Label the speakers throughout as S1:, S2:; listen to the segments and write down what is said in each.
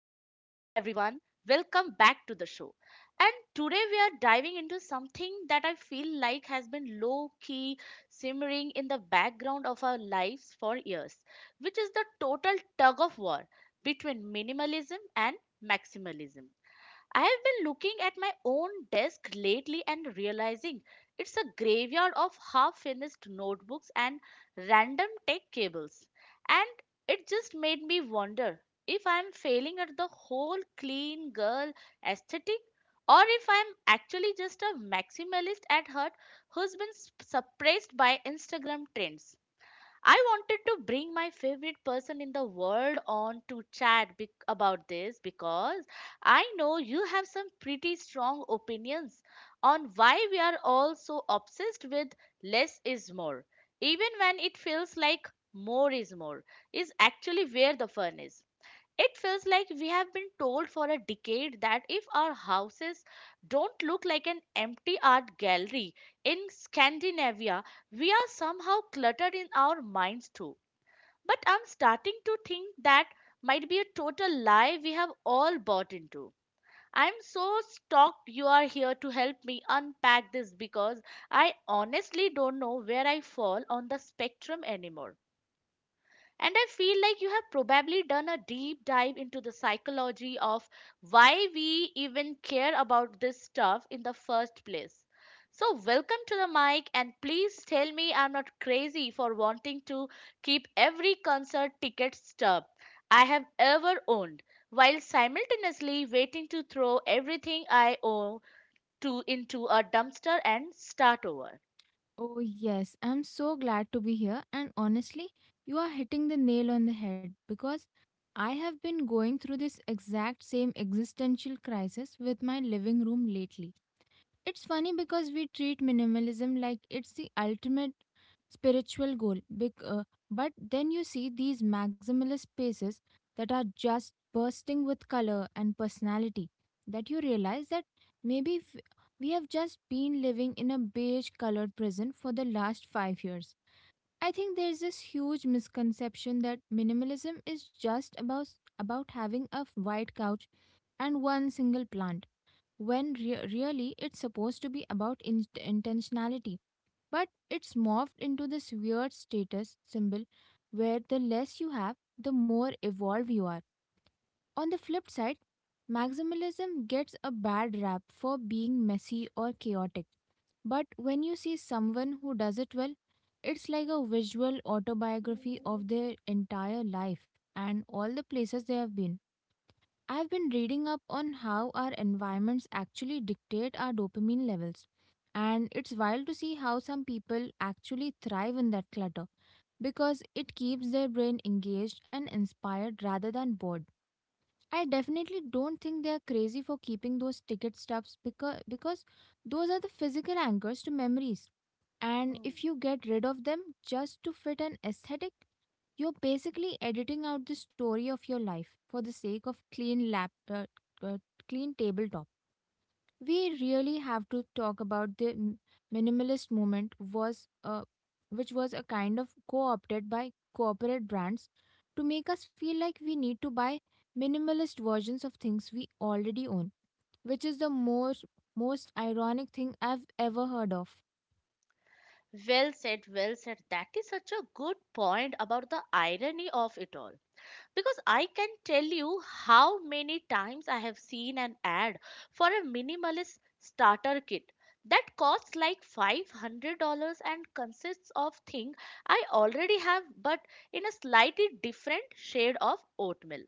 S1: everyone, welcome back to the show. And today we are diving into something that I feel like has been low key simmering in the background of our lives for years, which is the total tug of war between minimalism and maximalism. I have been looking at my own desk lately and realizing it's a graveyard of half finished notebooks and random tech cables. And it just made me wonder if I'm failing at the whole clean girl aesthetic, or if I'm actually just a maximalist at heart who's been suppressed by Instagram trends. I wanted to bring my favorite person in the world on to chat about this because I know you have some pretty strong opinions on why we are all so obsessed with less is more, even when it feels like more, is actually where the fun is. It feels like we have been told for a decade that if our houses don't look like an empty art gallery in Scandinavia, we are somehow cluttered in our minds too. But I'm starting to think that might be a total lie we have all bought into. I'm so stoked you are here to help me unpack this, because I honestly don't know where I fall on the spectrum anymore. And I feel like you have probably done a deep dive into the psychology of why we even care about this stuff in the first place. So, welcome to the mic, and please tell me I'm not crazy for wanting to keep every concert ticket stub I have ever owned while simultaneously waiting to throw everything I owe to into a dumpster and start over.
S2: Oh, yes. I'm so glad to be here. And honestly, you are hitting the nail on the head because I have been going through this exact same existential crisis with my living room lately. It's funny because we treat minimalism like it's the ultimate spiritual goal. But then you see these maximalist spaces that are just bursting with color and personality, that you realize that maybe we have just been living in a beige colored prison for the last 5 years. I think there's this huge misconception that minimalism is just about having a white couch and one single plant when really it's supposed to be about intentionality. But it's morphed into this weird status symbol where the less you have, the more evolved you are. On the flip side, maximalism gets a bad rap for being messy or chaotic. But when you see someone who does it well, it's like a visual autobiography of their entire life and all the places they have been. I've been reading up on how our environments actually dictate our dopamine levels. And it's wild to see how some people actually thrive in that clutter because it keeps their brain engaged and inspired rather than bored. I definitely don't think they're crazy for keeping those ticket stubs because those are the physical anchors to memories. And if you get rid of them just to fit an aesthetic, you're basically editing out the story of your life for the sake of uh, clean tabletop. We really have to talk about the minimalist movement was which was a kind of co-opted by corporate brands to make us feel like we need to buy minimalist versions of things we already own, which is the most ironic thing I've ever heard of.
S1: Well said, well said. That is such a good point about the irony of it all. Because I can tell you how many times I have seen an ad for a minimalist starter kit that costs like $500 and consists of things I already have, but in a slightly different shade of oatmeal.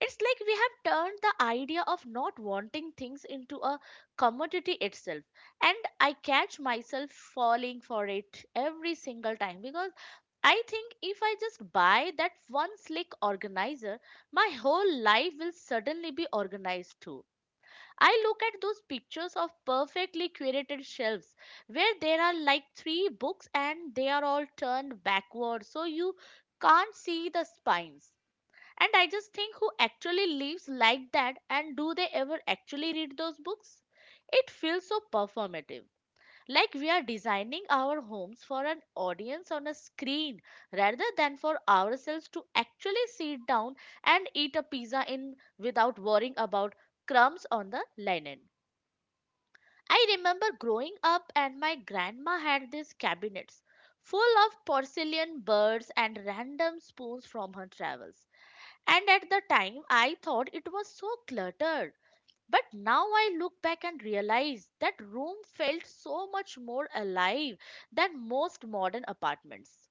S1: It's like we have turned the idea of not wanting things into a commodity itself. And I catch myself falling for it every single time, because I think if I just buy that one slick organizer, my whole life will suddenly be organized too. I look at those pictures of perfectly curated shelves where there are like three books and they are all turned backwards so you can't see the spines. And I just think, who actually lives like that, and do they ever actually read those books? It feels so performative. Like we are designing our homes for an audience on a screen rather than for ourselves to actually sit down and eat a pizza in without worrying about crumbs on the linen. I remember growing up and my grandma had these cabinets full of porcelain birds and random spoons from her travels. And at the time, I thought it was so cluttered. But now I look back and realize that room felt so much more alive than most modern apartments.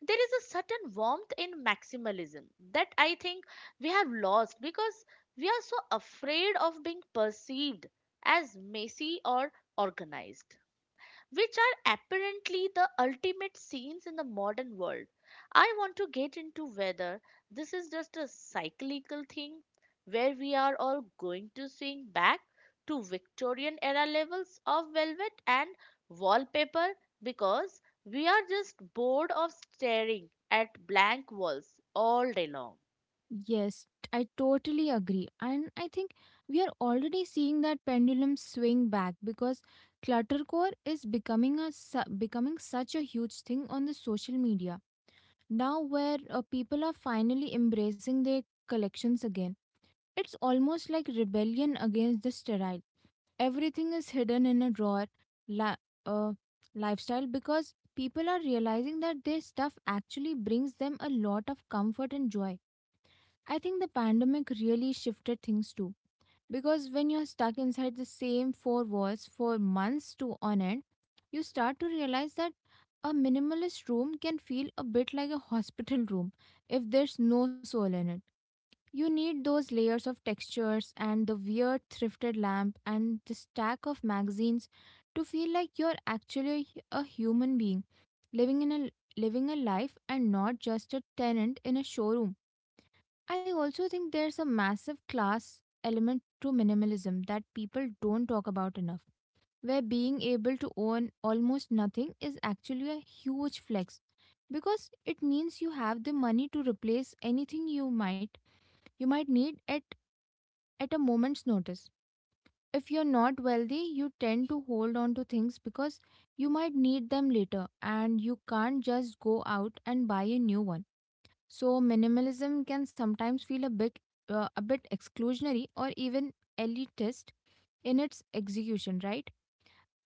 S1: There is a certain warmth in maximalism that I think we have lost, because we are so afraid of being perceived as messy or organized, which are apparently the ultimate scenes in the modern world. I want to get into whether this is just a cyclical thing where we are all going to swing back to Victorian era levels of velvet and wallpaper, because we are just bored of staring at blank walls all day long.
S2: Yes, I totally agree. And I think we are already seeing that pendulum swing back because cluttercore is becoming such a huge thing on the social media now, where people are finally embracing their collections again. It's almost like rebellion against the sterile, Everything is hidden in a drawer li- uh, lifestyle, because people are realizing that their stuff actually brings them a lot of comfort and joy. I think the pandemic really shifted things too, because when you're stuck inside the same four walls for months to on end, you start to realize that a minimalist room can feel a bit like a hospital room if there's no soul in it. You need those layers of textures and the weird thrifted lamp and the stack of magazines to feel like you're actually a human being living in a living a life, and not just a tenant in a showroom. I also think there's a massive class element to minimalism that people don't talk about enough, where being able to own almost nothing is actually a huge flex because it means you have the money to replace anything you might need at a moment's notice. If you're not wealthy, you tend to hold on to things because you might need them later and you can't just go out and buy a new one, so minimalism can sometimes feel a bit exclusionary or even elitist in its execution, right?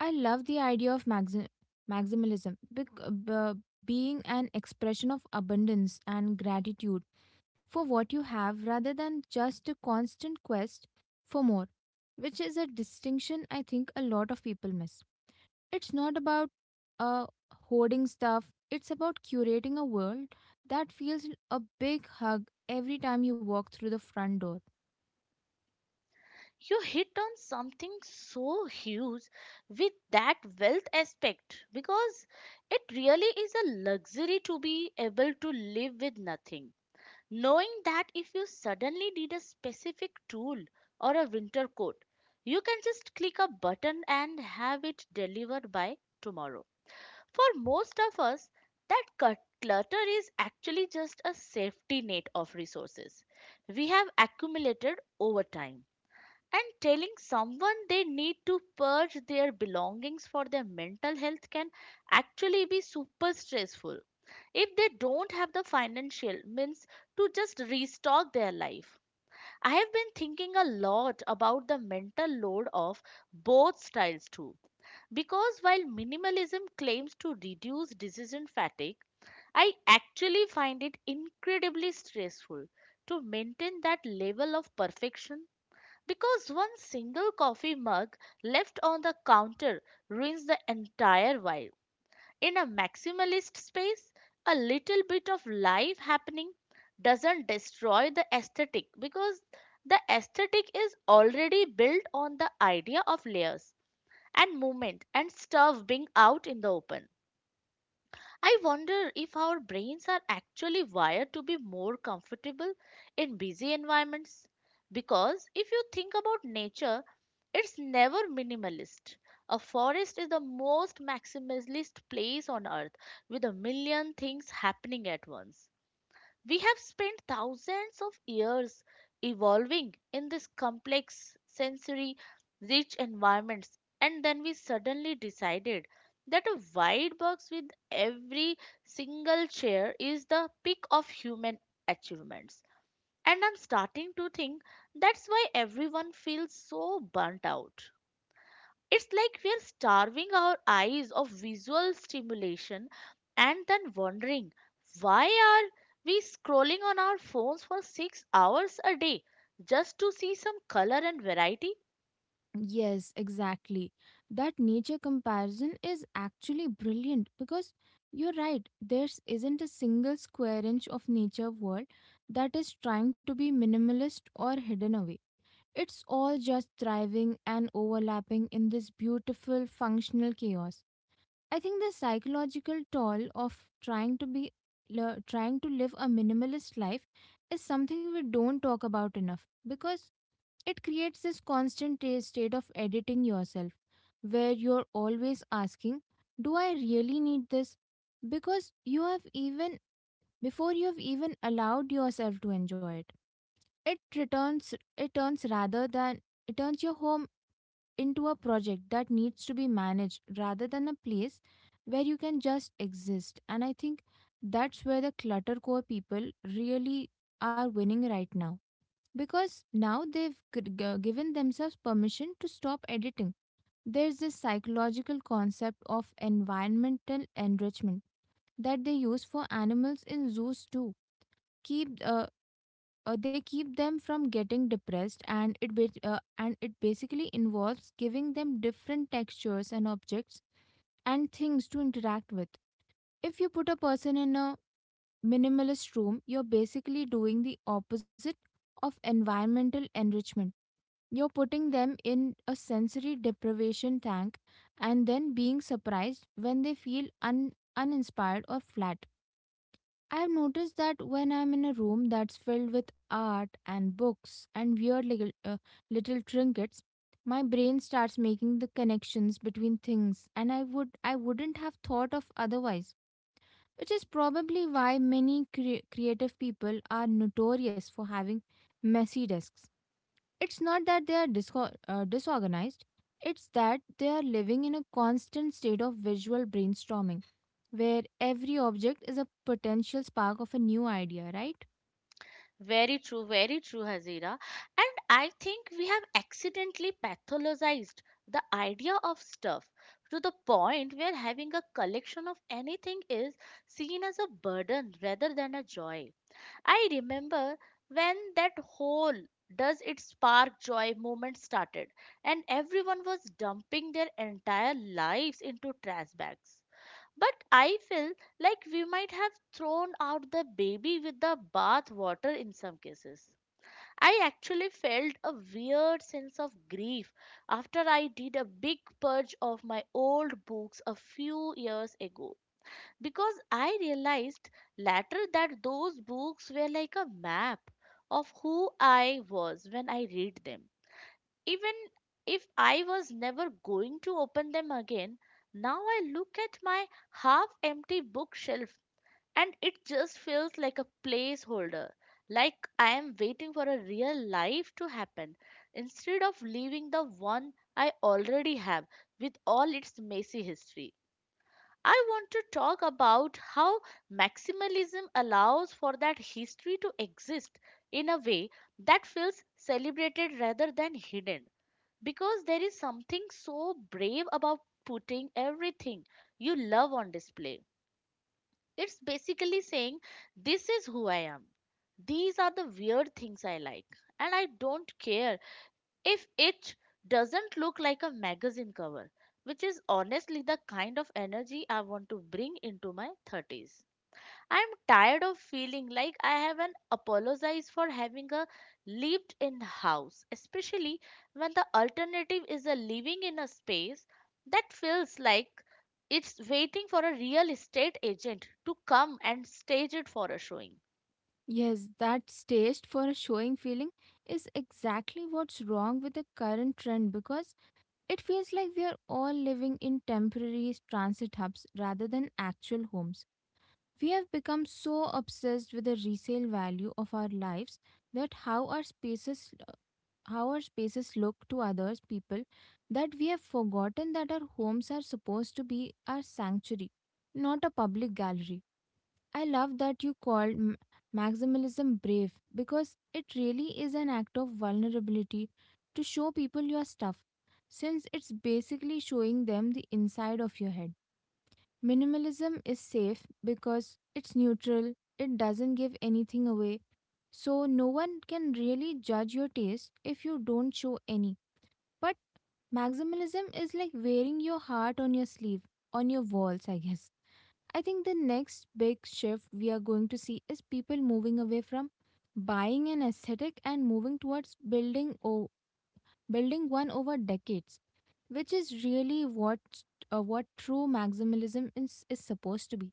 S2: I love the idea of maximalism being an expression of abundance and gratitude for what you have rather than just a constant quest for more, which is a distinction I think a lot of people miss. It's not about uh, hoarding stuff. It's about curating a world that feels a big hug every time you walk through the front door.
S1: You hit on something so huge with that wealth aspect, because it really is a luxury to be able to live with nothing. Knowing that if you suddenly need a specific tool or a winter coat, you can just click a button and have it delivered by tomorrow. For most of us, that clutter is actually just a safety net of resources we have accumulated over time. And telling someone they need to purge their belongings for their mental health can actually be super stressful if they don't have the financial means to just restock their life. I have been thinking a lot about the mental load of both styles too, because while minimalism claims to reduce decision fatigue, I actually find it incredibly stressful to maintain that level of perfection, because one single coffee mug left on the counter ruins the entire vibe. In a maximalist space, a little bit of life happening doesn't destroy the aesthetic, because the aesthetic is already built on the idea of layers and movement and stuff being out in the open. I wonder if our brains are actually wired to be more comfortable in busy environments, because if you think about nature, it's never minimalist. A forest is the most maximalist place on earth, with a million things happening at once. We have spent thousands of years evolving in this complex, sensory rich environments, and then we suddenly decided that a wide box with every single chair is the peak of human achievements. And I'm starting to think that's why everyone feels so burnt out. It's like we're starving our eyes of visual stimulation and then wondering, why are we scrolling on our phones for 6 hours a day just to see some color and variety?
S2: Yes, exactly. That nature comparison is actually brilliant, because you're right, there isn't a single square inch of nature world that is trying to be minimalist or hidden away. It's all just thriving and overlapping in this beautiful, functional chaos. I think the psychological toll of trying to live a minimalist life is something we don't talk about enough, because it creates this constant state of editing yourself, where you're always asking, do I really need this, because you have even before you have even allowed yourself to enjoy it, it returns it turns rather than it turns your home into a project that needs to be managed rather than a place where you can just exist. And I think that's where the cluttercore people really are winning right now, because now they've given themselves permission to stop editing. There's this psychological concept of environmental enrichment that they use for animals in zoos too. Keep they keep them from getting depressed, and it basically involves giving them different textures and objects and things to interact with. If you put a person in a minimalist room, you're basically doing the opposite of environmental enrichment. You're putting them in a sensory deprivation tank and then being surprised when they feel uninspired or flat. I've noticed that when I'm in a room that's filled with art and books and weird little trinkets, my brain starts making the connections between things and I wouldn't have thought of otherwise, which is probably why many creative people are notorious for having messy desks. It's not that they are disorganized, it's that they are living in a constant state of visual brainstorming, where every object is a potential spark of a new idea, right?
S1: Very true, Hazira. And I think we have accidentally pathologized the idea of stuff to the point where having a collection of anything is seen as a burden rather than a joy. I remember when that whole does it spark joy movement started, and everyone was dumping their entire lives into trash bags. But I feel like we might have thrown out the baby with the bath water in some cases. I actually felt a weird sense of grief after I did a big purge of my old books a few years ago, because I realized later that those books were like a map of who I was when I read them. Even if I was never going to open them again, now I look at my half empty bookshelf and it just feels like a placeholder, like I am waiting for a real life to happen instead of leaving the one I already have with all its messy history. I want to talk about how maximalism allows for that history to exist in a way that feels celebrated rather than hidden. Because there is something so brave about putting everything you love on display. It's basically saying, this is who I am. These are the weird things I like. And I don't care if it doesn't look like a magazine cover, which is honestly the kind of energy I want to bring into my 30s. I'm tired of feeling like I haven't apologized for having a lived in house, especially when the alternative is a living in a space that feels like it's waiting for a real estate agent to come and stage it for a showing.
S2: Yes, that taste for a showing feeling is exactly what's wrong with the current trend, because it feels like we are all living in temporary transit hubs rather than actual homes. We have become so obsessed with the resale value of our lives, that how our spaces look to others people, that we have forgotten that our homes are supposed to be our sanctuary, not a public gallery. I love that you called maximalism brave, because it really is an act of vulnerability to show people your stuff, since it's basically showing them the inside of your head. Minimalism is safe because it's neutral. It doesn't give anything away, so no one can really judge your taste if you don't show any. But maximalism is like wearing your heart on your sleeve, on your walls, I guess. I think the next big shift we are going to see is people moving away from buying an aesthetic and moving towards building one over decades, which is really what true maximalism is supposed to be.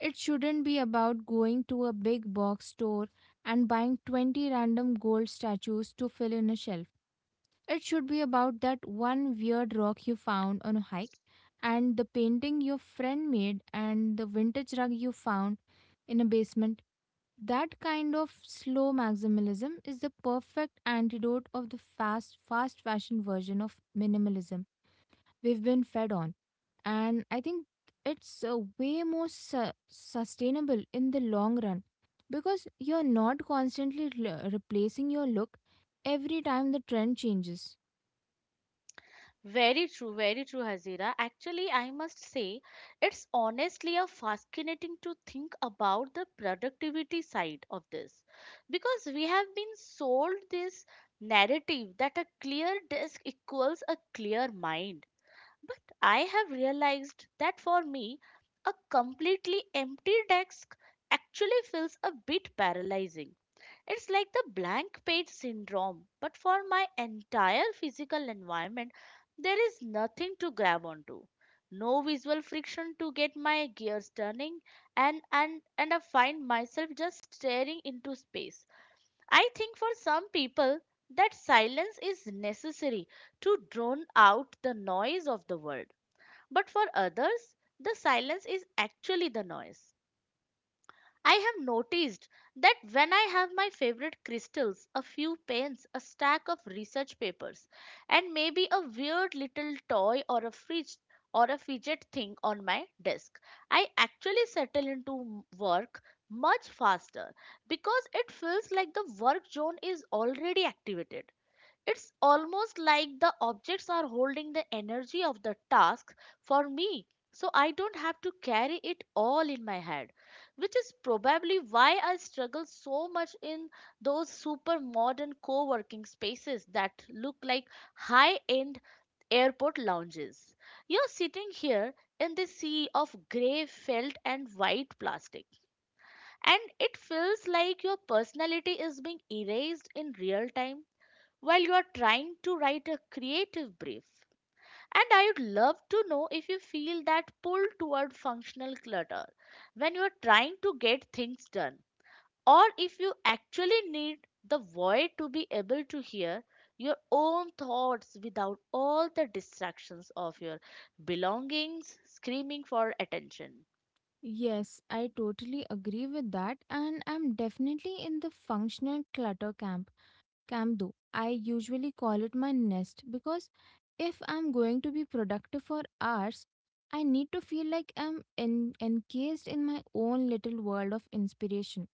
S2: It shouldn't be about going to a big box store and buying 20 random gold statues to fill in a shelf. It should be about that one weird rock you found on a hike, and the painting your friend made, and the vintage rug you found in a basement. That kind of slow maximalism is the perfect antidote of the fast fashion version of minimalism we've been fed on. And I think it's way more sustainable in the long run, because you're not constantly replacing your look every time the trend changes.
S1: Very true, Hazira. Actually, I must say, it's honestly a fascinating to think about the productivity side of this, because we have been sold this narrative that a clear desk equals a clear mind. But I have realized that for me, a completely empty desk actually feels a bit paralyzing. It's like the blank page syndrome, but for my entire physical environment, there is nothing to grab onto. No visual friction to get my gears turning, and I find myself just staring into space. I think for some people, that silence is necessary to drown out the noise of the world. But for others, the silence is actually the noise. I have noticed that when I have my favorite crystals, a few pens, a stack of research papers, and maybe a weird little toy or a fridge or a fidget thing on my desk, I actually settle into work much faster, because it feels like the work zone is already activated. It's almost like the objects are holding the energy of the task for me, so I don't have to carry it all in my head, which is probably why I struggle so much in those super modern co working spaces that look like high end airport lounges. You're sitting here in the sea of grey felt and white plastic, and it feels like your personality is being erased in real time while you are trying to write a creative brief. And I would love to know if you feel that pull toward functional clutter when you are trying to get things done, or if you actually need the void to be able to hear your own thoughts without all the distractions of your belongings screaming for attention.
S2: Yes, I totally agree with that, and I'm definitely in the functional clutter camp, though, I usually call it my nest, because if I'm going to be productive for hours, I need to feel like I'm encased in my own little world of inspiration.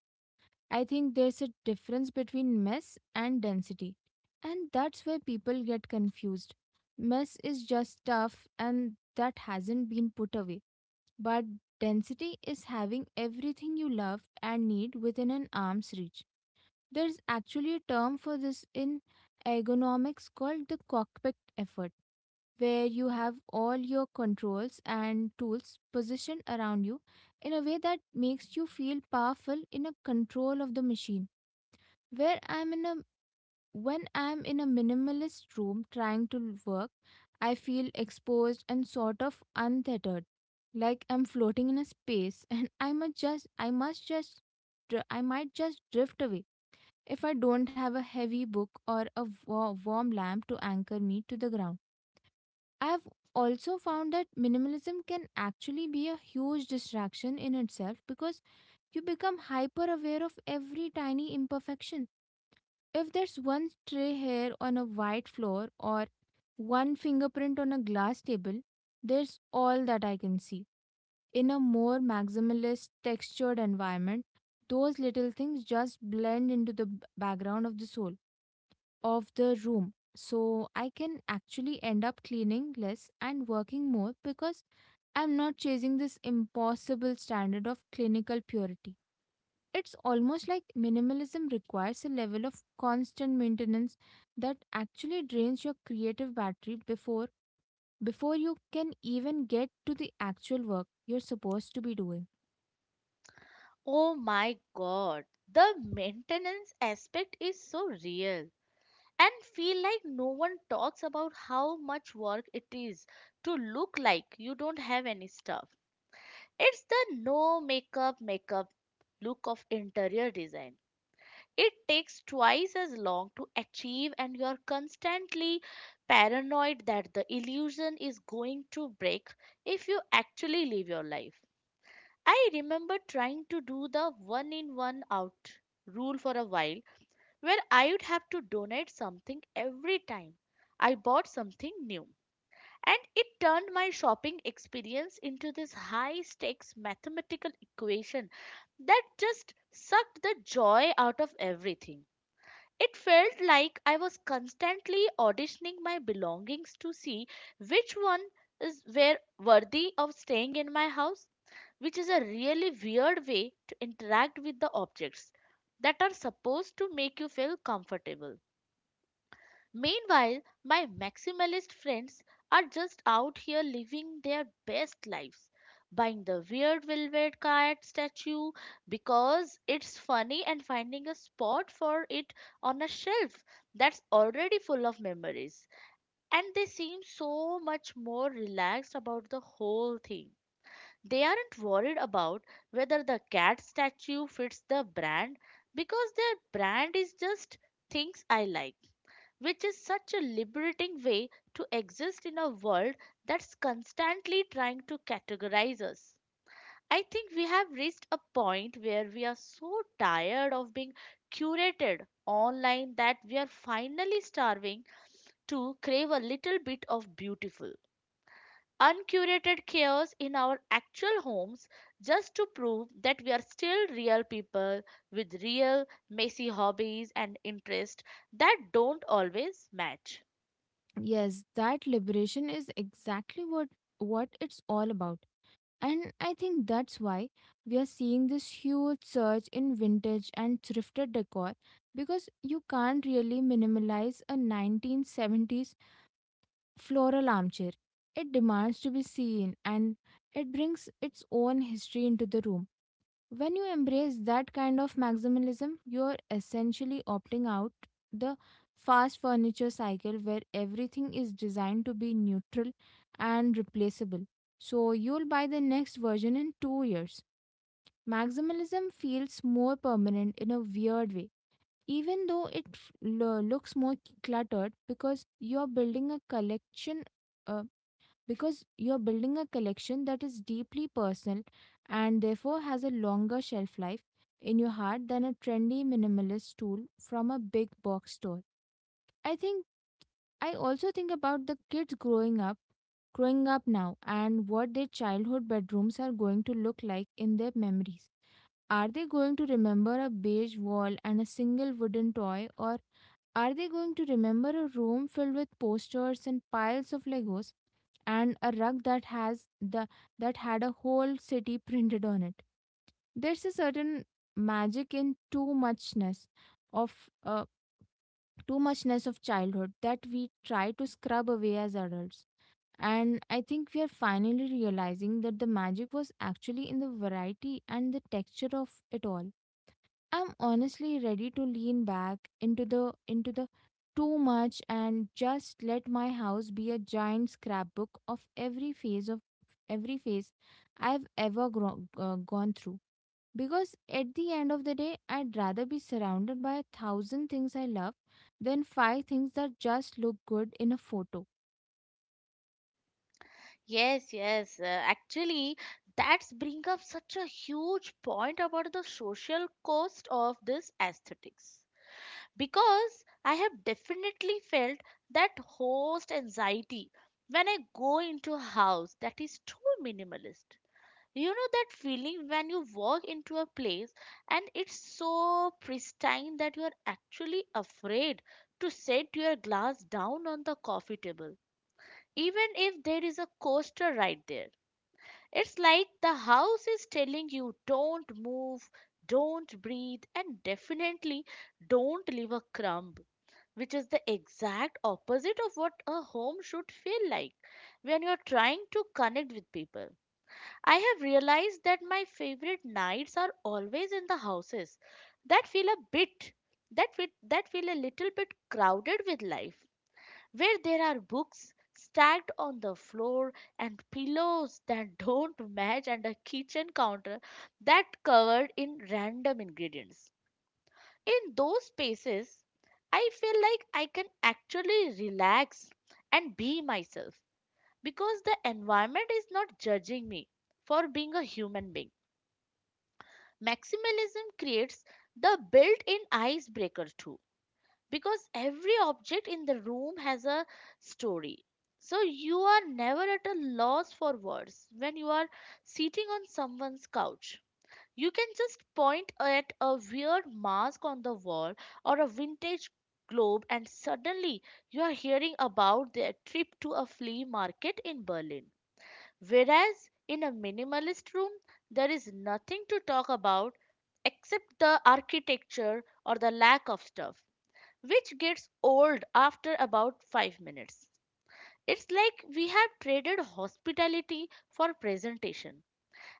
S2: I think there's a difference between mess and density, and that's where people get confused. Mess is just stuff, and that hasn't been put away, but density is having everything you love and need within an arm's reach. There's actually a term for this in ergonomics called the cockpit effect, where you have all your controls and tools positioned around you in a way that makes you feel powerful, in a control of the machine. Where I'm in a When I'm in a minimalist room trying to work, I feel exposed and sort of untethered, like I'm floating in a space and I might just drift away if I don't have a heavy book or a warm lamp to anchor me to the ground. I've also found that minimalism can actually be a huge distraction in itself, because you become hyper aware of every tiny imperfection. If there's one stray hair on a white floor or one fingerprint on a glass table, there's all that I can see. In a more maximalist, textured environment, those little things just blend into the background of the soul, of the room. So I can actually end up cleaning less and working more, because I'm not chasing this impossible standard of clinical purity. It's almost like minimalism requires a level of constant maintenance that actually drains your creative battery before you can even get to the actual work you're supposed to be doing.
S1: Oh my god, the maintenance aspect is so real. And feel like no one talks about how much work it is to look like you don't have any stuff. It's the no makeup makeup look of interior design. It takes twice as long to achieve, and you're constantly paranoid that the illusion is going to break if you actually live your life. I remember trying to do the one in one out rule for a while where I would have to donate something every time I bought something new. And it turned my shopping experience into this high stakes mathematical equation that just sucked the joy out of everything. It felt like I was constantly auditioning my belongings to see which one is were worthy of staying in my house, which is a really weird way to interact with the objects that are supposed to make you feel comfortable. Meanwhile, my maximalist friends are just out here living their best lives, buying the weird velvet cat statue because it's funny and finding a spot for it on a shelf that's already full of memories. And they seem so much more relaxed about the whole thing. They aren't worried about whether the cat statue fits the brand because their brand is just things I like, which is such a liberating way to exist in a world that's constantly trying to categorize us. I think we have reached a point where we are so tired of being curated online that we are finally starving to crave a little bit of beautiful, uncurated chaos in our actual homes, just to prove that we are still real people with real, messy hobbies and interests that don't always match.
S2: Yes, that liberation is exactly what it's all about. And I think that's why we are seeing this huge surge in vintage and thrifted decor because you can't really minimalize a 1970s floral armchair. It demands to be seen and it brings its own history into the room. When you embrace that kind of maximalism, you're essentially opting out the fast furniture cycle where everything is designed to be neutral and replaceable. So you'll buy the next version in 2 years. Maximalism feels more permanent in a weird way even though it looks more cluttered because you're building a collection uh, because you're building a collection that is deeply personal and therefore has a longer shelf life in your heart than a trendy minimalist tool from a big box store. I think I also think about the kids growing up now and what their childhood bedrooms are going to look like in their memories. Are they going to remember a beige wall and a single wooden toy, or are they going to remember a room filled with posters and piles of Legos, and a rug that has the that had a whole city printed on it? There's a certain magic in too muchness of uh, too muchness of childhood that we try to scrub away as adults. And I think we are finally realizing that the magic was actually in the variety and the texture of it all. I'm honestly ready to lean back into the too much and just let my house be a giant scrapbook of every phase I've ever gone through. Because at the end of the day, I'd rather be surrounded by a thousand things I love than five things that just look good in a photo.
S1: Yes, yes. Actually, that's bring up such a huge point about the social cost of this aesthetics. Because I have definitely felt that host anxiety when I go into a house that is too minimalist. You know that feeling when you walk into a place and it's so pristine that you are actually afraid to set your glass down on the coffee table, even if there is a coaster right there? It's like the house is telling you: don't move, don't breathe, and definitely don't leave a crumb, which is the exact opposite of what a home should feel like when you're trying to connect with people. I have realized that my favorite nights are always in the houses that feel a little bit crowded with life, where there are books stacked on the floor and pillows that don't match, and a kitchen counter that covered in random ingredients. In those spaces, I feel like I can actually relax and be myself, because the environment is not judging me for being a human being. Maximalism creates the built-in icebreaker too, because every object in the room has a story. So you are never at a loss for words when you are sitting on someone's couch. You can just point at a weird mask on the wall or a vintage globe, and suddenly you are hearing about their trip to a flea market in Berlin. Whereas in a minimalist room, there is nothing to talk about except the architecture or the lack of stuff, which gets old after about 5 minutes. It's like we have traded hospitality for presentation.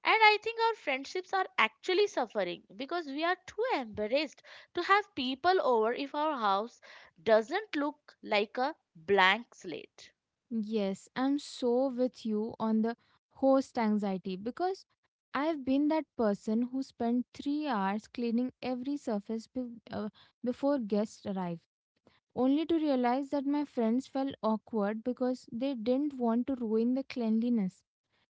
S1: And I think our friendships are actually suffering because we are too embarrassed to have people over if our house doesn't look like a blank slate.
S2: Yes, I'm so with you on the host anxiety because I've been that person who spent 3 hours cleaning every surface before guests arrived, only to realize that my friends felt awkward because they didn't want to ruin the cleanliness.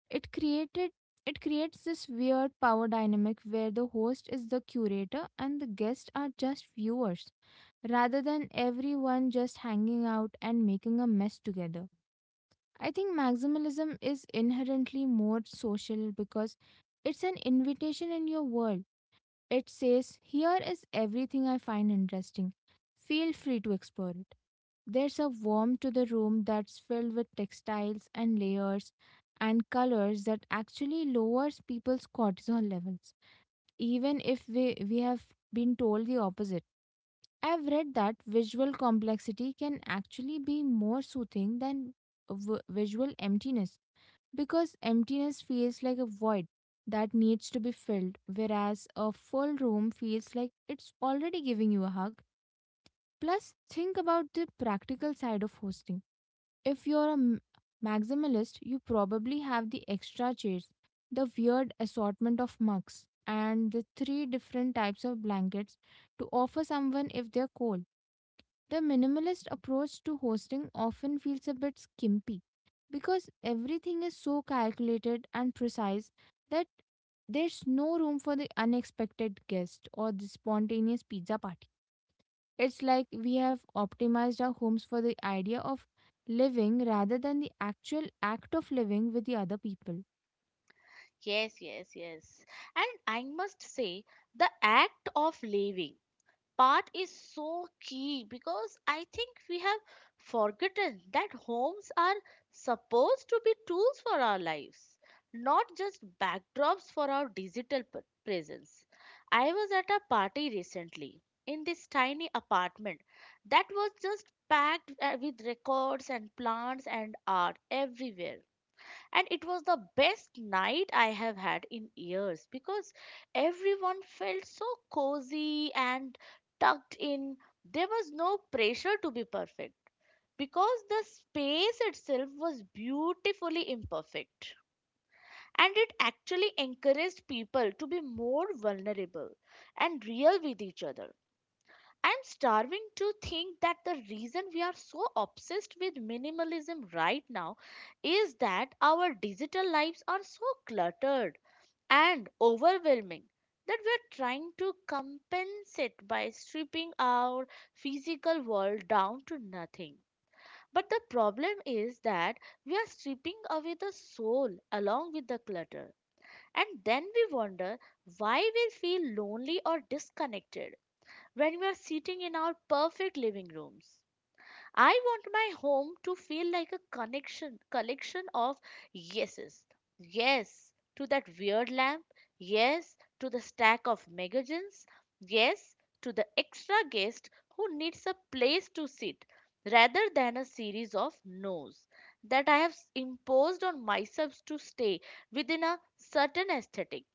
S2: It created it creates this weird power dynamic where the host is the curator and the guests are just viewers, rather than everyone just hanging out and making a mess together. I think maximalism is inherently more social because it's an invitation in your world. It says, "Here is everything I find interesting. Feel free to explore it." There's a warmth to the room that's filled with textiles and layers and colors that actually lowers people's cortisol levels, even if we have been told the opposite. I've read that visual complexity can actually be more soothing than visual emptiness because emptiness feels like a void that needs to be filled, whereas a full room feels like it's already giving you a hug. Plus, think about the practical side of hosting. If you're a maximalist, you probably have the extra chairs, the weird assortment of mugs, and the three different types of blankets to offer someone if they're cold. The minimalist approach to hosting often feels a bit skimpy because everything is so calculated and precise that there's no room for the unexpected guest or the spontaneous pizza party. It's like we have optimized our homes for the idea of living rather than the actual act of living with the other people.
S1: Yes, yes, yes. And I must say, the act of leaving part is so key, because I think we have forgotten that homes are supposed to be tools for our lives, not just backdrops for our digital presence. I was at a party recently in this tiny apartment that was just packed with records and plants and art everywhere, and it was the best night I have had in years, because everyone felt so cozy and tucked in. There was no pressure to be perfect because the space itself was beautifully imperfect. And it actually encouraged people to be more vulnerable and real with each other. I'm starving to think that the reason we are so obsessed with minimalism right now is that our digital lives are so cluttered and overwhelming that we're trying to compensate by stripping our physical world down to nothing. But the problem is that we are stripping away the soul along with the clutter. And then we wonder why we feel lonely or disconnected when we are sitting in our perfect living rooms. I want my home to feel like a connection collection of yeses. Yes to that weird lamp, yes to the stack of magazines, yes to the extra guest who needs a place to sit, rather than a series of no's that I have imposed on myself to stay within a certain aesthetic.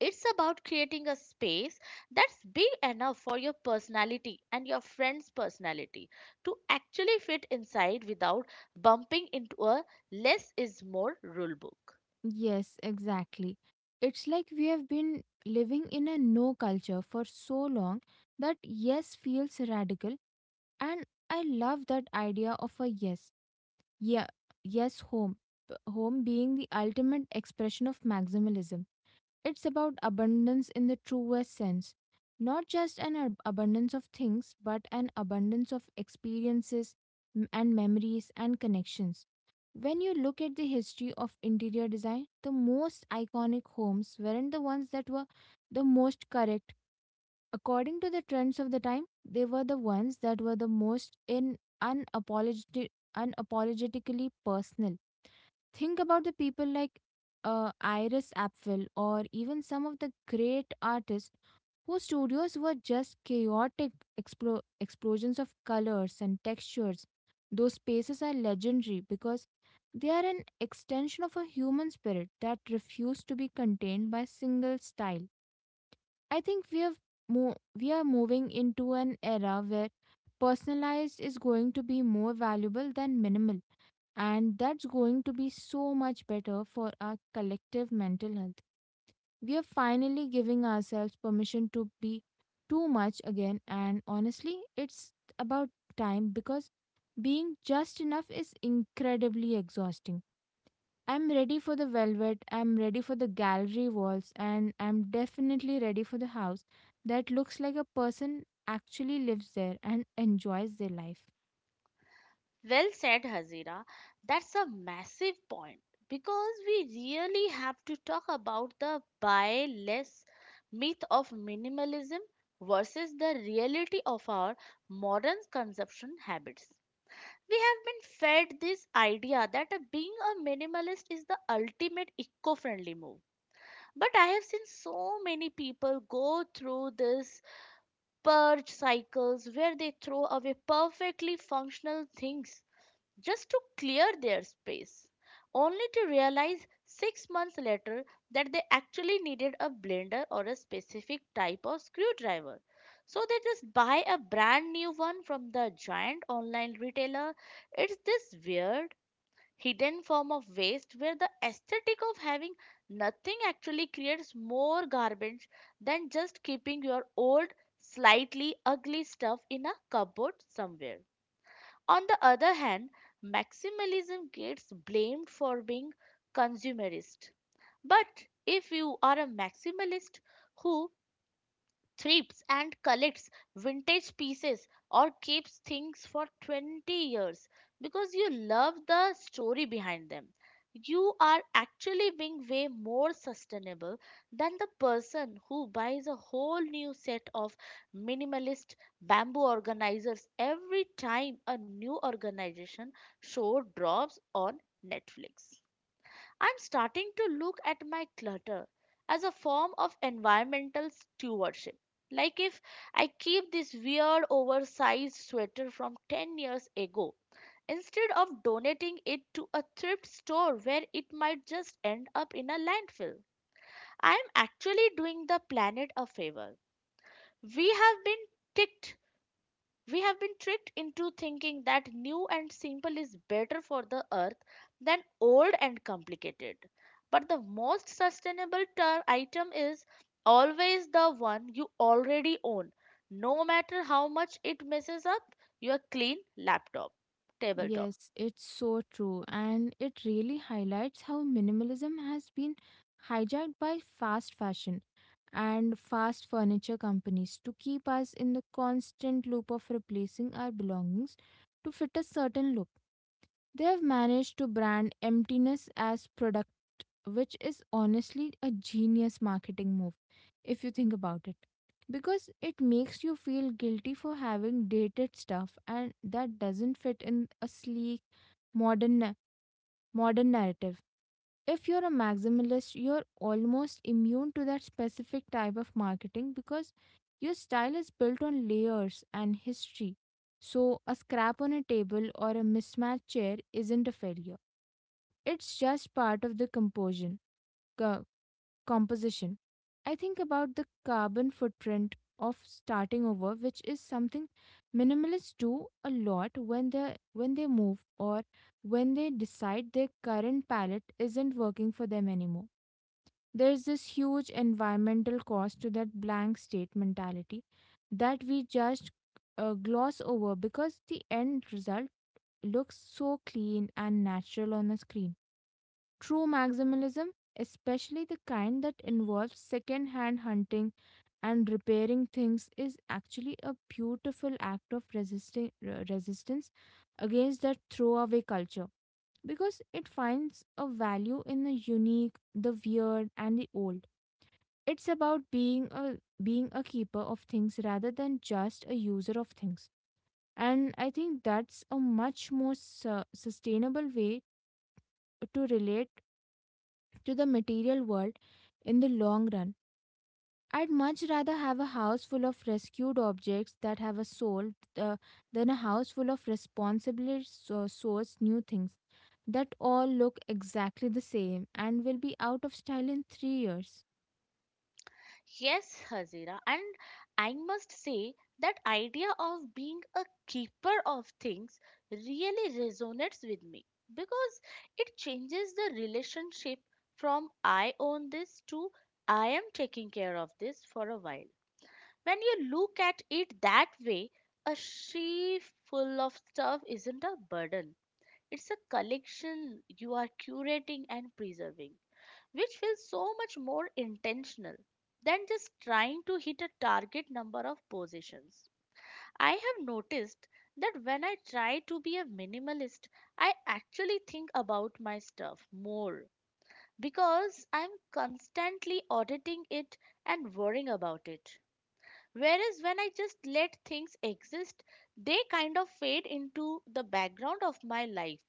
S1: It's about creating a space that's big enough for your personality and your friend's personality to actually fit inside without bumping into a less is more rule book.
S2: Yes, exactly. It's like we have been living in a no culture for so long that yes feels radical, and I love that idea of a yes, yeah, yes home. Home being the ultimate expression of maximalism, it's about abundance in the truest sense, not just an abundance of things but an abundance of experiences and memories and connections. When you look at the history of interior design, the most iconic homes weren't the ones that were the most correct according to the trends of the time. They were the ones that were the most unapologeti- unapologetically personal. Think about the people like Iris Apfel or even some of the great artists whose studios were just chaotic explosions of colors and textures. Those spaces are legendary because they are an extension of a human spirit that refused to be contained by single style. I think we have mo- We are moving into an era where personalized is going to be more valuable than minimal, and that's going to be so much better for our collective mental health. We are finally giving ourselves permission to be too much again, and honestly it's about time because being just enough is incredibly exhausting. I'm ready for the velvet, I'm ready for the gallery walls, and I'm definitely ready for the house that looks like a person actually lives there and enjoys their life.
S1: Well said, Hazira. That's a massive point because we really have to talk about the buy less myth of minimalism versus the reality of our modern consumption habits. We have been fed this idea that being a minimalist is the ultimate eco friendly move. But I have seen so many people go through this purge cycles where they throw away perfectly functional things just to clear their space, only to realize 6 months later that they actually needed a blender or a specific type of screwdriver. So they just buy a brand new one from the giant online retailer. It's this weird, hidden form of waste where the aesthetic of having nothing actually creates more garbage than just keeping your old, slightly ugly stuff in a cupboard somewhere. On the other hand, maximalism gets blamed for being consumerist. But if you are a maximalist who thrips and collects vintage pieces or keeps things for 20 years because you love the story behind them. You are actually being way more sustainable than the person who buys a whole new set of minimalist bamboo organizers every time a new organization show drops on Netflix. I'm starting to look at my clutter as a form of environmental stewardship. Like, if I keep this weird oversized sweater from 10 years ago, instead of donating it to a thrift store where it might just end up in a landfill, I am actually doing the planet a favor. We have been ticked tricked into thinking that new and simple is better for the earth than old and complicated. But the most sustainable item is always the one you already own, no matter how much it messes up your clean laptop, tabletop.
S2: Yes, it's so true, and it really highlights how minimalism has been hijacked by fast fashion and fast furniture companies to keep us in the constant loop of replacing our belongings to fit a certain look. They have managed to brand emptiness as productivity, which is honestly a genius marketing move if you think about it. Because it makes you feel guilty for having dated stuff and that doesn't fit in a sleek modern na- modern narrative. If you're a maximalist, you're almost immune to that specific type of marketing because your style is built on layers and history. So a scrap on a table or a mismatched chair isn't a failure. It's just part of the composition. I think about the carbon footprint of starting over, which is something minimalists do a lot when they move or when they decide their current palette isn't working for them anymore. There's this huge environmental cost to that blank state mentality that we just gloss over because the end result looks so clean and natural on a screen. True maximalism, especially the kind that involves second hand hunting and repairing things, is actually a beautiful act of resistance against that throwaway culture because it finds a value in the unique, the weird, and the old. It's about being a keeper of things rather than just a user of things. And I think that's a much more sustainable way to relate to the material world in the long run. I'd much rather have a house full of rescued objects that have a soul uh, than a house full of responsibly sourced new things that all look exactly the same and will be out of style in 3 years.
S1: Yes, Hazira, and I must say that idea of being a keeper of things really resonates with me, because it changes the relationship from I own this to I am taking care of this for a while. When you look at it that way, a sheaf full of stuff isn't a burden. It's a collection you are curating and preserving, which feels so much more intentional than just trying to hit a target number of positions. I have noticed that when I try to be a minimalist, I actually think about my stuff more because I'm constantly auditing it and worrying about it. Whereas when I just let things exist, they kind of fade into the background of my life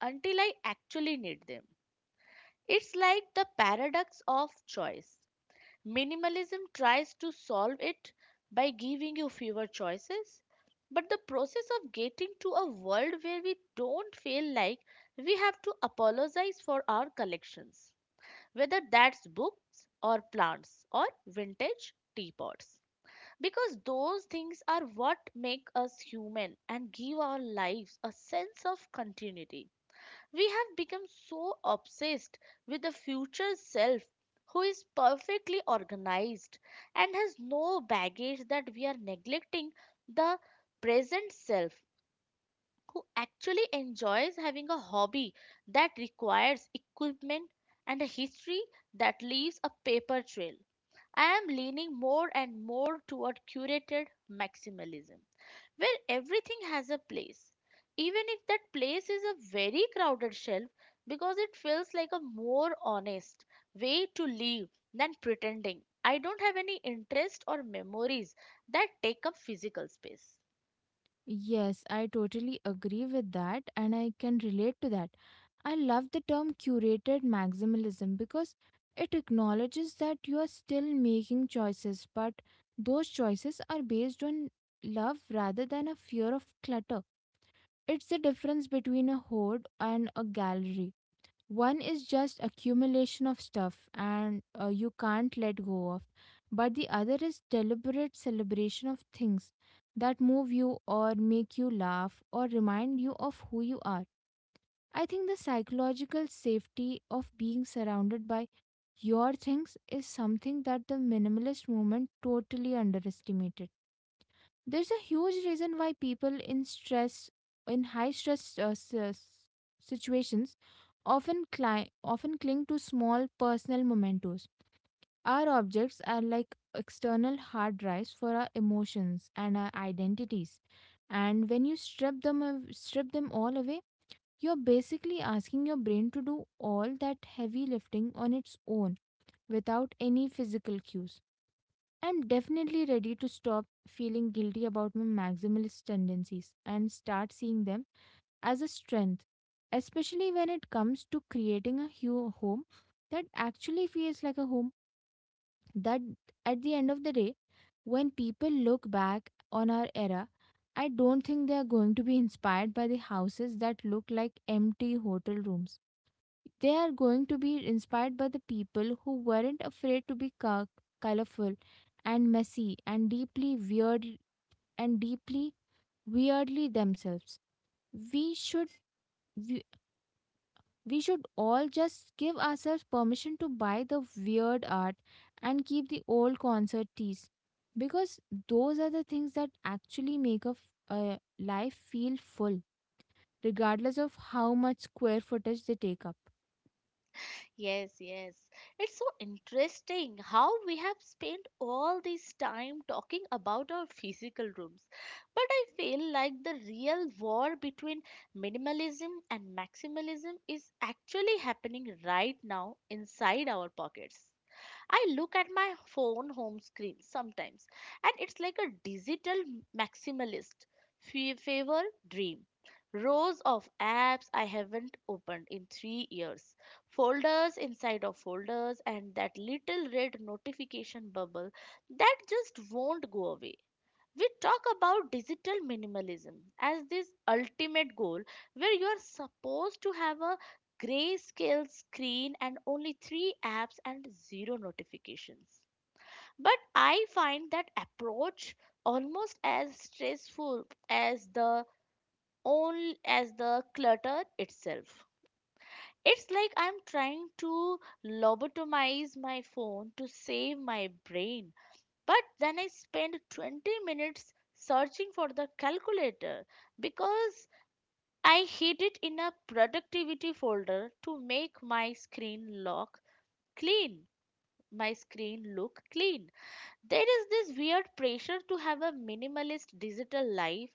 S1: until I actually need them. It's like the paradox of choice. Minimalism tries to solve it by giving you fewer choices, but the process of getting to a world where we don't feel like we have to apologize for our collections, whether that's books or plants or vintage teapots. Because those things are what make us human and give our lives a sense of continuity. We have become so obsessed with the future self who is perfectly organized and has no baggage that we are neglecting the present self who actually enjoys having a hobby that requires equipment and a history that leaves a paper trail. I am leaning more and more toward curated maximalism where everything has a place, even if that place is a very crowded shelf, because it feels like a more honest way to live than pretending I don't have any interest or memories that take up physical space.
S2: Yes, I totally agree with that and I can relate to that. I love the term curated maximalism because it acknowledges that you are still making choices, but those choices are based on love rather than a fear of clutter. It's the difference between a hoard and a gallery. One is just accumulation of stuff and you can't let go of, but the other is deliberate celebration of things that move you or make you laugh or remind you of who you are. I think the psychological safety of being surrounded by your things is something that the minimalist movement totally underestimated. There's a huge reason why people in high stress situations, often often cling to small personal mementos. Our objects are like external hard drives for our emotions and our identities. And when you strip them all away, you're basically asking your brain to do all that heavy lifting on its own without any physical cues. I'm definitely ready to stop feeling guilty about my maximalist tendencies and start seeing them as a strength, especially when it comes to creating a home that actually feels like a home. That At the end of the day, when people look back on our era, I don't think they are going to be inspired by the houses that look like empty hotel rooms. They are going to be inspired by the people who weren't afraid to be colorful and messy and deeply weird and deeply weirdly themselves. we should we, we should all just give ourselves permission to buy the weird art and keep the old concert tees, because those are the things that actually make a life feel full, regardless of how much square footage they take up.
S1: Yes, yes. It's so interesting how we have spent all this time talking about our physical rooms. But I feel like the real war between minimalism and maximalism is actually happening right now inside our pockets. I look at my phone home screen sometimes, and it's like a digital maximalist fever dream. Rows of apps I haven't opened in 3 years, folders inside of folders, and that little red notification bubble that just won't go away. We talk about digital minimalism as this ultimate goal where you are supposed to have a grayscale screen and only three apps and zero notifications. But I find that approach almost as stressful as the only as the clutter itself. It's like I'm trying to lobotomize my phone to save my brain. But then I spent 20 minutes searching for the calculator because I hid it in a productivity folder to make my screen look clean. My screen look clean. There is this weird pressure to have a minimalist digital life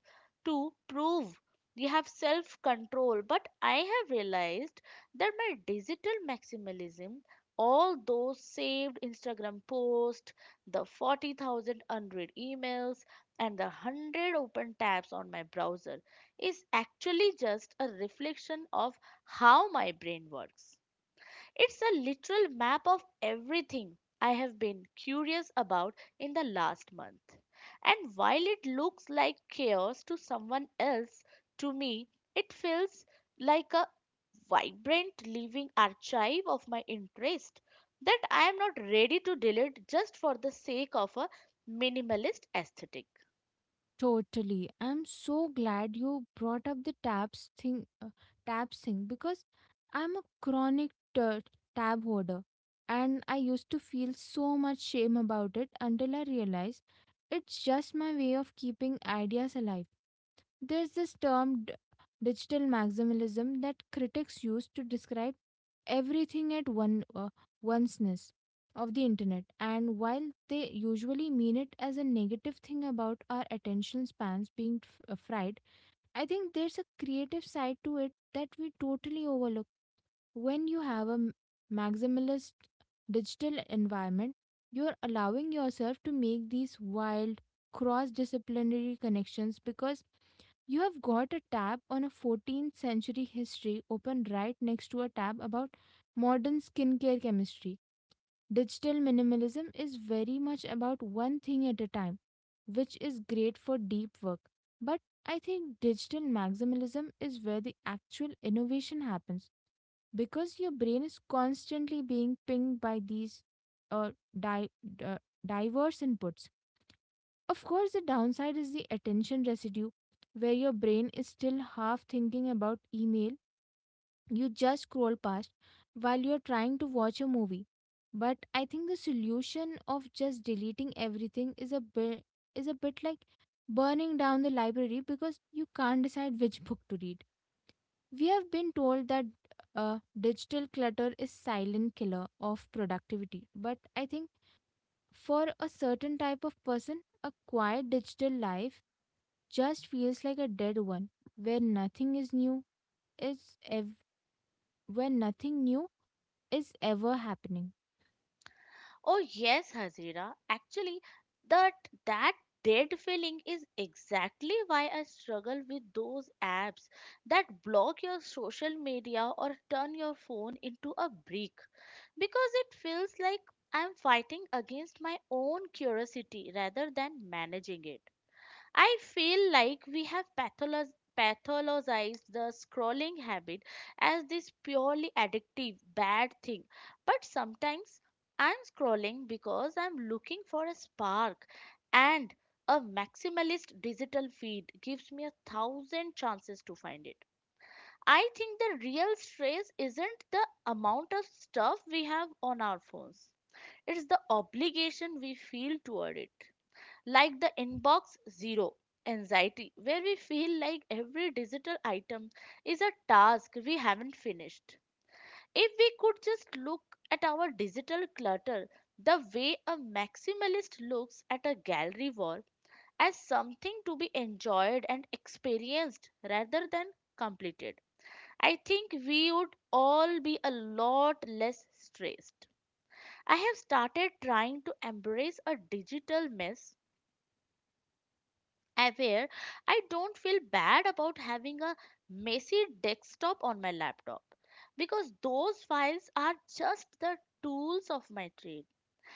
S1: to prove you have self control. But I have realized that my digital maximalism, all those saved Instagram posts, the 40,000 unread emails, and the 100 open tabs on my browser, is actually just a reflection of how my brain works. It's a literal map of everything I have been curious about in the last month. And while it looks like chaos to someone else, to me, it feels like a vibrant living archive of my interest that I am not ready to delete just for the sake of a minimalist aesthetic.
S2: Totally. I'm so glad you brought up the tabs thing because I'm a chronic tab hoarder and I used to feel so much shame about it until I realized it's just my way of keeping ideas alive. There's this term digital maximalism that critics use to describe everything at one onceness of the internet. And while they usually mean it as a negative thing about our attention spans being fried, I think there's a creative side to it that we totally overlook. When you have a maximalist digital environment, you're allowing yourself to make these wild cross disciplinary connections, because you have got a tab on a 14th century history open right next to a tab about modern skincare chemistry. Digital minimalism is very much about one thing at a time, which is great for deep work. But I think digital maximalism is where the actual innovation happens, because your brain is constantly being pinged by these uh, di- uh, diverse inputs. Of course, the downside is the attention residue, where your brain is still half thinking about email you just scroll past while you're trying to watch a movie. But I think the solution of just deleting everything is a bit like burning down the library because you can't decide which book to read. We have been told that digital clutter is silent killer of productivity, but I think for a certain type of person, a quiet digital life just feels like a dead one where nothing is new is ev- where nothing new is ever happening.
S1: Oh yes, Hazira. Actually, that that dead feeling is exactly why I struggle with those apps that block your social media or turn your phone into a brick, because it feels like I'm fighting against my own curiosity rather than managing it. I feel like we have pathologized the scrolling habit as this purely addictive, bad thing. But sometimes I'm scrolling because I'm looking for a spark, and a maximalist digital feed gives me a thousand chances to find it. I think the real stress isn't the amount of stuff we have on our phones, it's the obligation we feel toward it, like the inbox zero anxiety, where we feel like every digital item is a task we haven't finished. If we could just look at our digital clutter the way a maximalist looks at a gallery wall, as something to be enjoyed and experienced rather than completed, I think we would all be a lot less stressed. I have started trying to embrace a digital mess aware I don't feel bad about having a messy desktop on my laptop, because those files are just the tools of my trade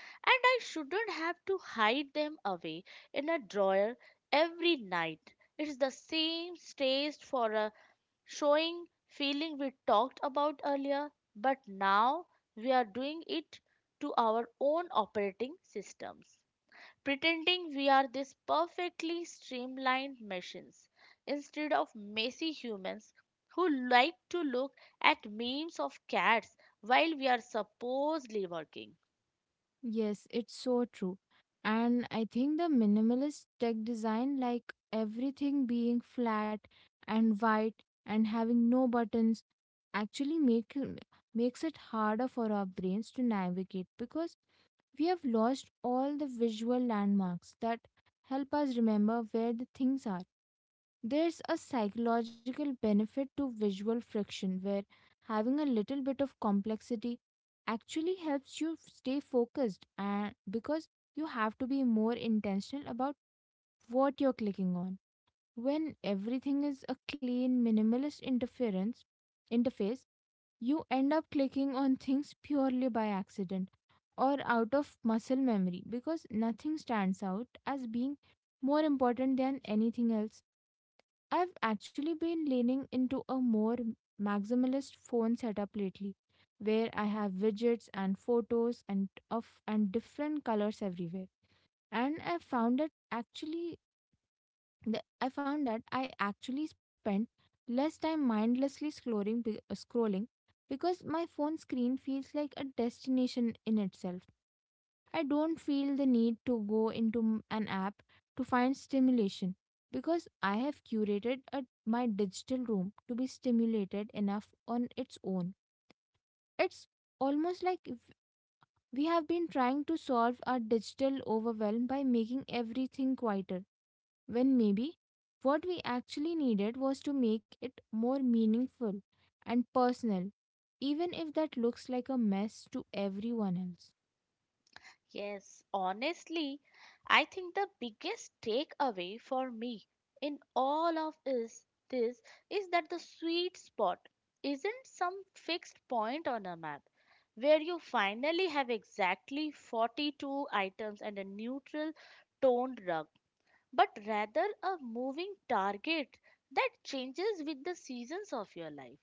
S1: and I shouldn't have to hide them away in a drawer every night. It's the same stage for a showing feeling we talked about earlier, but now we are doing it to our own operating systems, pretending we are these perfectly streamlined machines instead of messy humans who like to look at memes of cats while we are supposedly working.
S2: Yes, it's so true, and I think the minimalist tech design, like everything being flat and white and having no buttons, actually makes it harder for our brains to navigate because we have lost all the visual landmarks that help us remember where the things are. There's a psychological benefit to visual friction, where having a little bit of complexity actually helps you stay focused, and because you have to be more intentional about what you're clicking on. When everything is a clean minimalist interference interface, you end up clicking on things purely by accident or out of muscle memory because nothing stands out as being more important than anything else. I've actually been leaning into a more maximalist phone setup lately, where I have widgets and photos and different colors everywhere. And I found that actually, I found that I actually spend less time mindlessly scrolling, because my phone screen feels like a destination in itself. I don't feel the need to go into an app to find stimulation, because I have curated my digital room to be stimulated enough on its own. It's almost like if we have been trying to solve our digital overwhelm by making everything quieter, when maybe what we actually needed was to make it more meaningful and personal, even if that looks like a mess to everyone else.
S1: Yes, honestly, I think the biggest takeaway for me in all of is this is that the sweet spot isn't some fixed point on a map where you finally have exactly 42 items and a neutral toned rug, but rather a moving target that changes with the seasons of your life.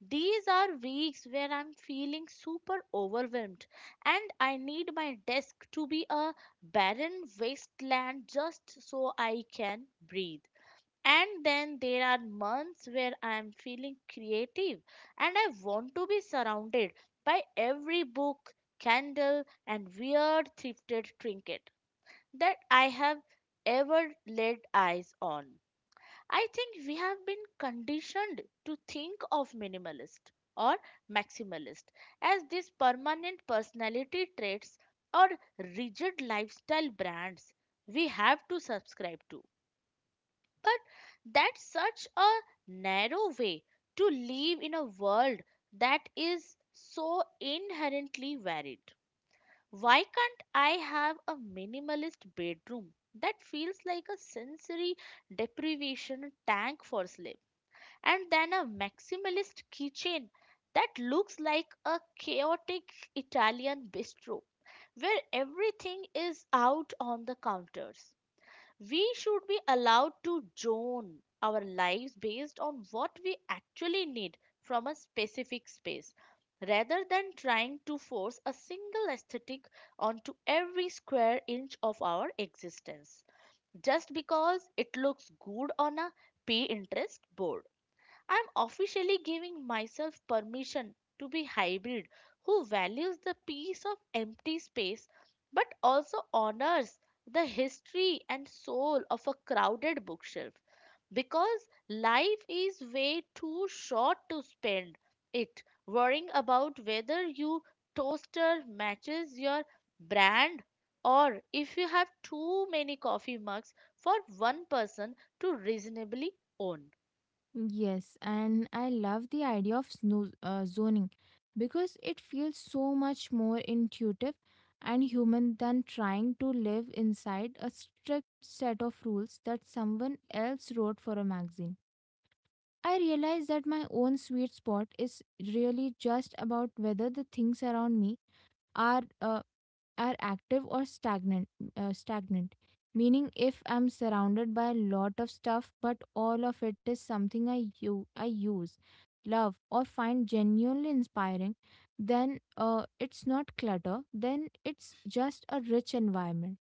S1: These are weeks where I'm feeling super overwhelmed and I need my desk to be a barren wasteland just so I can breathe. And then there are months where I am feeling creative and I want to be surrounded by every book, candle, and weird thrifted trinket that I have ever laid eyes on. I think we have been conditioned to think of minimalist or maximalist as these permanent personality traits or rigid lifestyle brands we have to subscribe to. But that's such a narrow way to live in a world that is so inherently varied. Why can't I have a minimalist bedroom that feels like a sensory deprivation tank for sleep? And then a maximalist kitchen that looks like a chaotic Italian bistro where everything is out on the counters. We should be allowed to zone our lives based on what we actually need from a specific space rather than trying to force a single aesthetic onto every square inch of our existence just because it looks good on a Pinterest board. I'm officially giving myself permission to be hybrid who values the peace of empty space but also honors the history and soul of a crowded bookshelf, because life is way too short to spend it worrying about whether your toaster matches your brand, or if you have too many coffee mugs for one person to reasonably own.
S2: Yes, and I love the idea of zoning, because it feels so much more intuitive and human than trying to live inside a strict set of rules that someone else wrote for a magazine. I realize that my own sweet spot is really just about whether the things around me are uh, are active or stagnant, meaning if I'm surrounded by a lot of stuff but all of it is something I use, love, or find genuinely inspiring, then it's not clutter, then it's just a rich environment.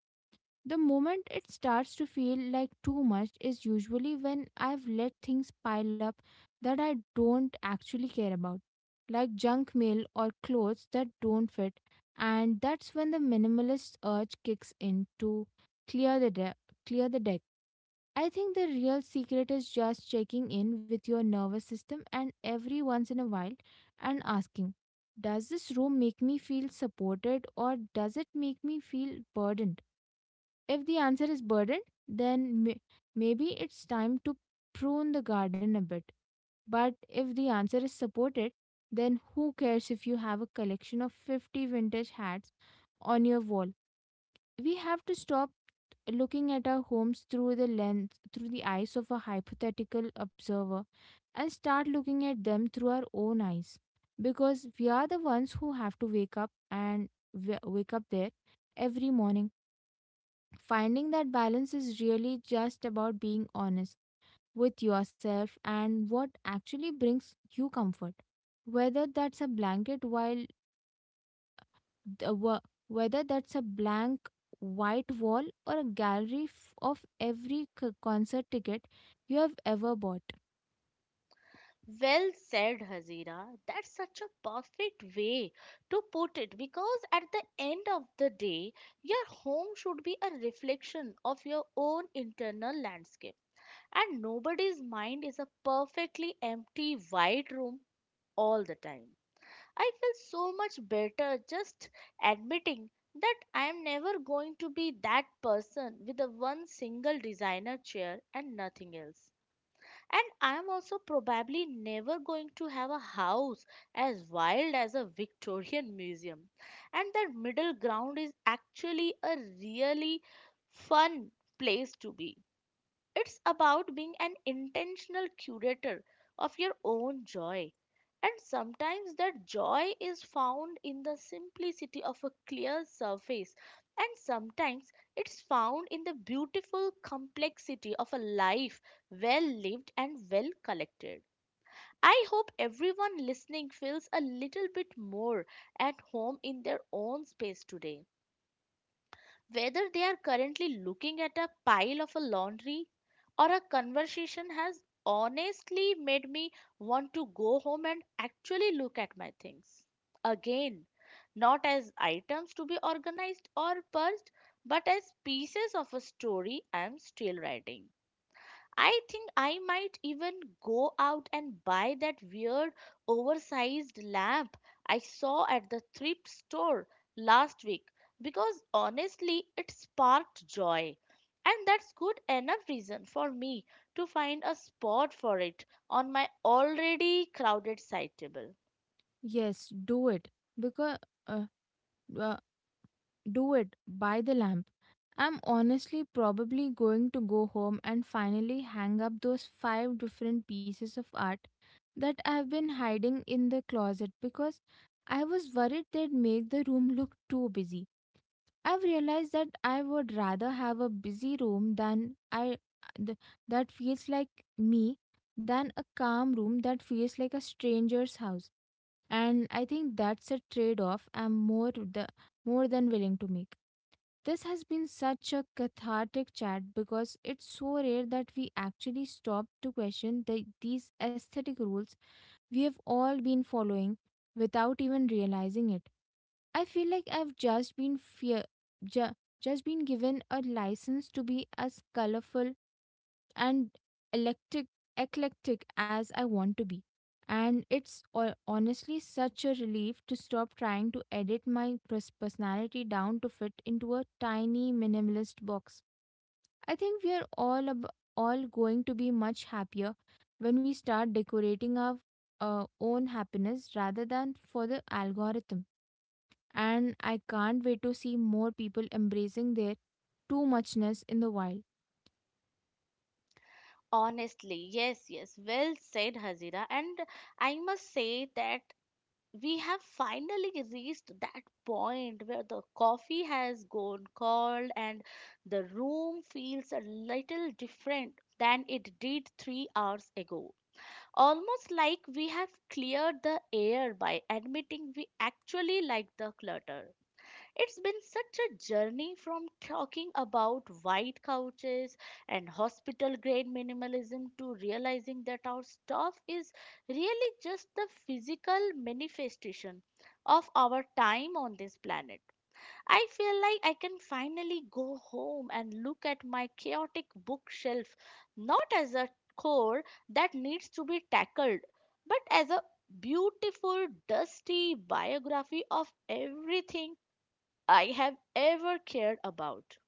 S2: The moment it starts to feel like too much is usually when I've let things pile up that I don't actually care about, like junk mail or clothes that don't fit, and that's when the minimalist urge kicks in to clear the de- clear the deck. I think the real secret is just checking in with your nervous system and every once in a while and asking, does this room make me feel supported, or does it make me feel burdened? If the answer is burdened, then maybe it's time to prune the garden a bit. But if the answer is supported, then who cares if you have a collection of 50 vintage hats on your wall? We have to stop looking at our homes through the eyes of a hypothetical observer, and start looking at them through our own eyes, because we are the ones who have to and wake up there every morning. Finding that balance is really just about being honest with yourself and what actually brings you comfort. Whether that's a blanket while the wo- whether that's a blank white wall or a gallery of every concert ticket you have ever bought.
S1: Well said, Hazira. That's such a perfect way to put it, because at the end of the day, your home should be a reflection of your own internal landscape. And nobody's mind is a perfectly empty, white room all the time. I feel so much better just admitting that I am never going to be that person with a one single designer chair and nothing else. And I'm also probably never going to have a house as wild as a Victorian museum. And that middle ground is actually a really fun place to be. It's about being an intentional curator of your own joy. And sometimes that joy is found in the simplicity of a clear surface, and sometimes it's found in the beautiful complexity of a life well lived and well collected. I hope everyone listening feels a little bit more at home in their own space today, whether they are currently looking at a pile of a laundry or a conversation has honestly made me want to go home and actually look at my things again, not as items to be organized or purged, but as pieces of a story I'm still writing. I think I might even go out and buy that weird oversized lamp I saw at the thrift store last week, because honestly it sparked joy. And that's good enough reason for me to find a spot for it on my already crowded side table.
S2: Yes, do it, because uh, uh, do it. Buy the lamp. I'm honestly probably going to go home and finally hang up those five different pieces of art that I've been hiding in the closet because I was worried they'd make the room look too busy. I've realized that I would rather have a busy room th- that feels like me than a calm room that feels like a stranger's house. And I think that's a trade-off I'm more than willing to make. This has been such a cathartic chat because it's so rare that we actually stop to question these aesthetic rules we have all been following without even realizing it. I feel like I've just been ju- just been given a license to be as colorful and electric eclectic as I want to be. And it's honestly such a relief to stop trying to edit my personality down to fit into a tiny minimalist box. I think we are all going to be much happier when we start decorating our own happiness rather than for the algorithm. And I can't wait to see more people embracing their too muchness in the wild.
S1: Honestly, yes, yes, well said, Hazira. And I must say that we have finally reached that point where the coffee has gone cold and the room feels a little different than it did 3 hours ago. Almost like we have cleared the air by admitting we actually like the clutter. It's been such a journey from talking about white couches and hospital grade minimalism to realizing that our stuff is really just the physical manifestation of our time on this planet. I feel like I can finally go home and look at my chaotic bookshelf not as a core that needs to be tackled, but as a beautiful, dusty biography of everything I have ever cared about.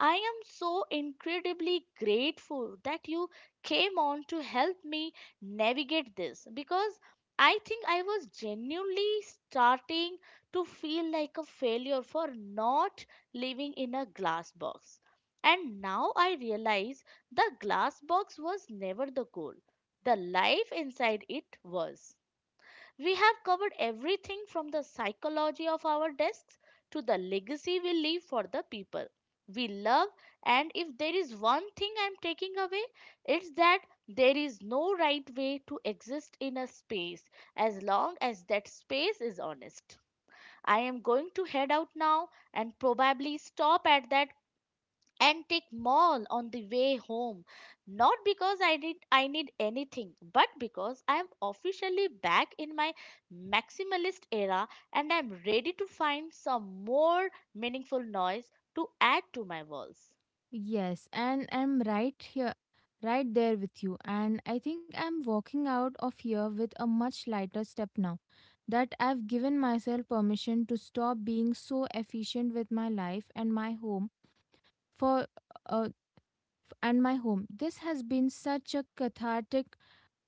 S1: I am so incredibly grateful that you came on to help me navigate this, because I think I was genuinely starting to feel like a failure for not living in a glass box. And now I realize the glass box was never the goal, the life inside it was. We have covered everything from the psychology of our desks to the legacy we leave for the people we love. And if there is one thing I'm taking away, it's that there is no right way to exist in a space as long as that space is honest. I am going to head out now and probably stop at that antique mall on the way home, not because I need anything, but because I am officially back in my maximalist era, and I'm ready to find some more meaningful noise to add to my walls.
S2: Yes, and I'm right there with you. And I think I'm walking out of here with a much lighter step now that I've given myself permission to stop being so efficient with my life and for uh, my home. This has been such a cathartic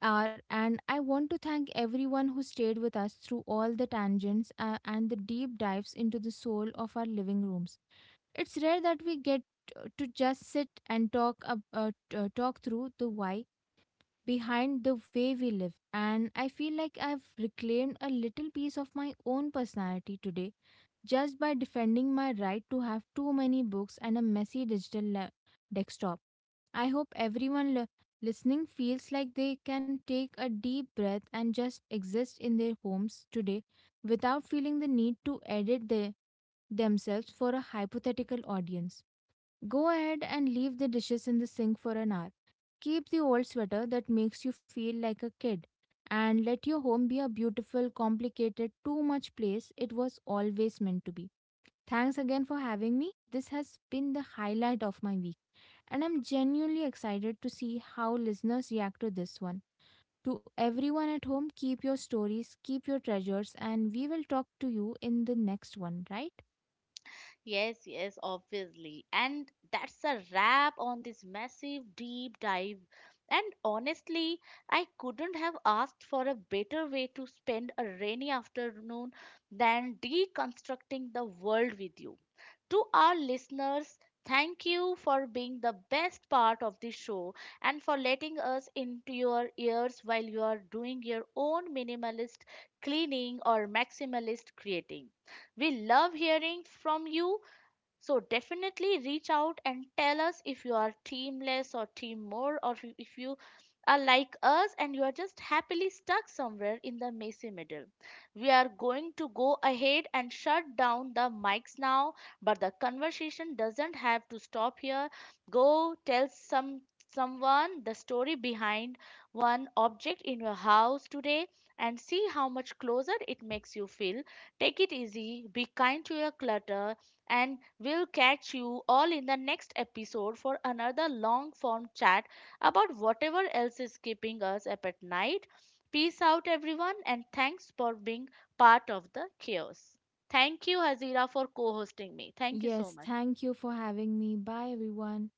S2: hour, and I want to thank everyone who stayed with us through all the tangents and the deep dives into the soul of our living rooms. It's rare that we get to just sit and talk through the why behind the way we live. And I feel like I've reclaimed a little piece of my own personality today just by defending my right to have too many books and a messy digital desktop. I hope everyone listening feels like they can take a deep breath and just exist in their homes today without feeling the need to edit themselves for a hypothetical audience. Go ahead and leave the dishes in the sink for an hour. Keep the old sweater that makes you feel like a kid. And let your home be a beautiful, complicated, too much place it was always meant to be. Thanks again for having me. This has been the highlight of my week, and I'm genuinely excited to see how listeners react to this one. To everyone at home, keep your stories, keep your treasures, and we will talk to you in the next one, right?
S1: Yes, yes, obviously. And that's a wrap on this massive deep dive. And honestly, I couldn't have asked for a better way to spend a rainy afternoon than deconstructing the world with you. To our listeners, thank you for being the best part of the show and for letting us into your ears while you are doing your own minimalist cleaning or maximalist creating. We love hearing from you, so definitely reach out and tell us if you are teamless or team more, or if you are like us and you are just happily stuck somewhere in the messy middle. We are going to go ahead and shut down the mics now, but the conversation doesn't have to stop here. Go tell someone the story behind one object in your house today and see how much closer it makes you feel. Take it easy, be kind to your clutter, and we'll catch you all in the next episode for another long form chat about whatever else is keeping us up at night. Peace out, everyone, and thanks for being part of the chaos. Thank you, Hazira, for co hosting me. Thank you so
S2: Yes,
S1: much.
S2: thank you for having me. Bye, everyone.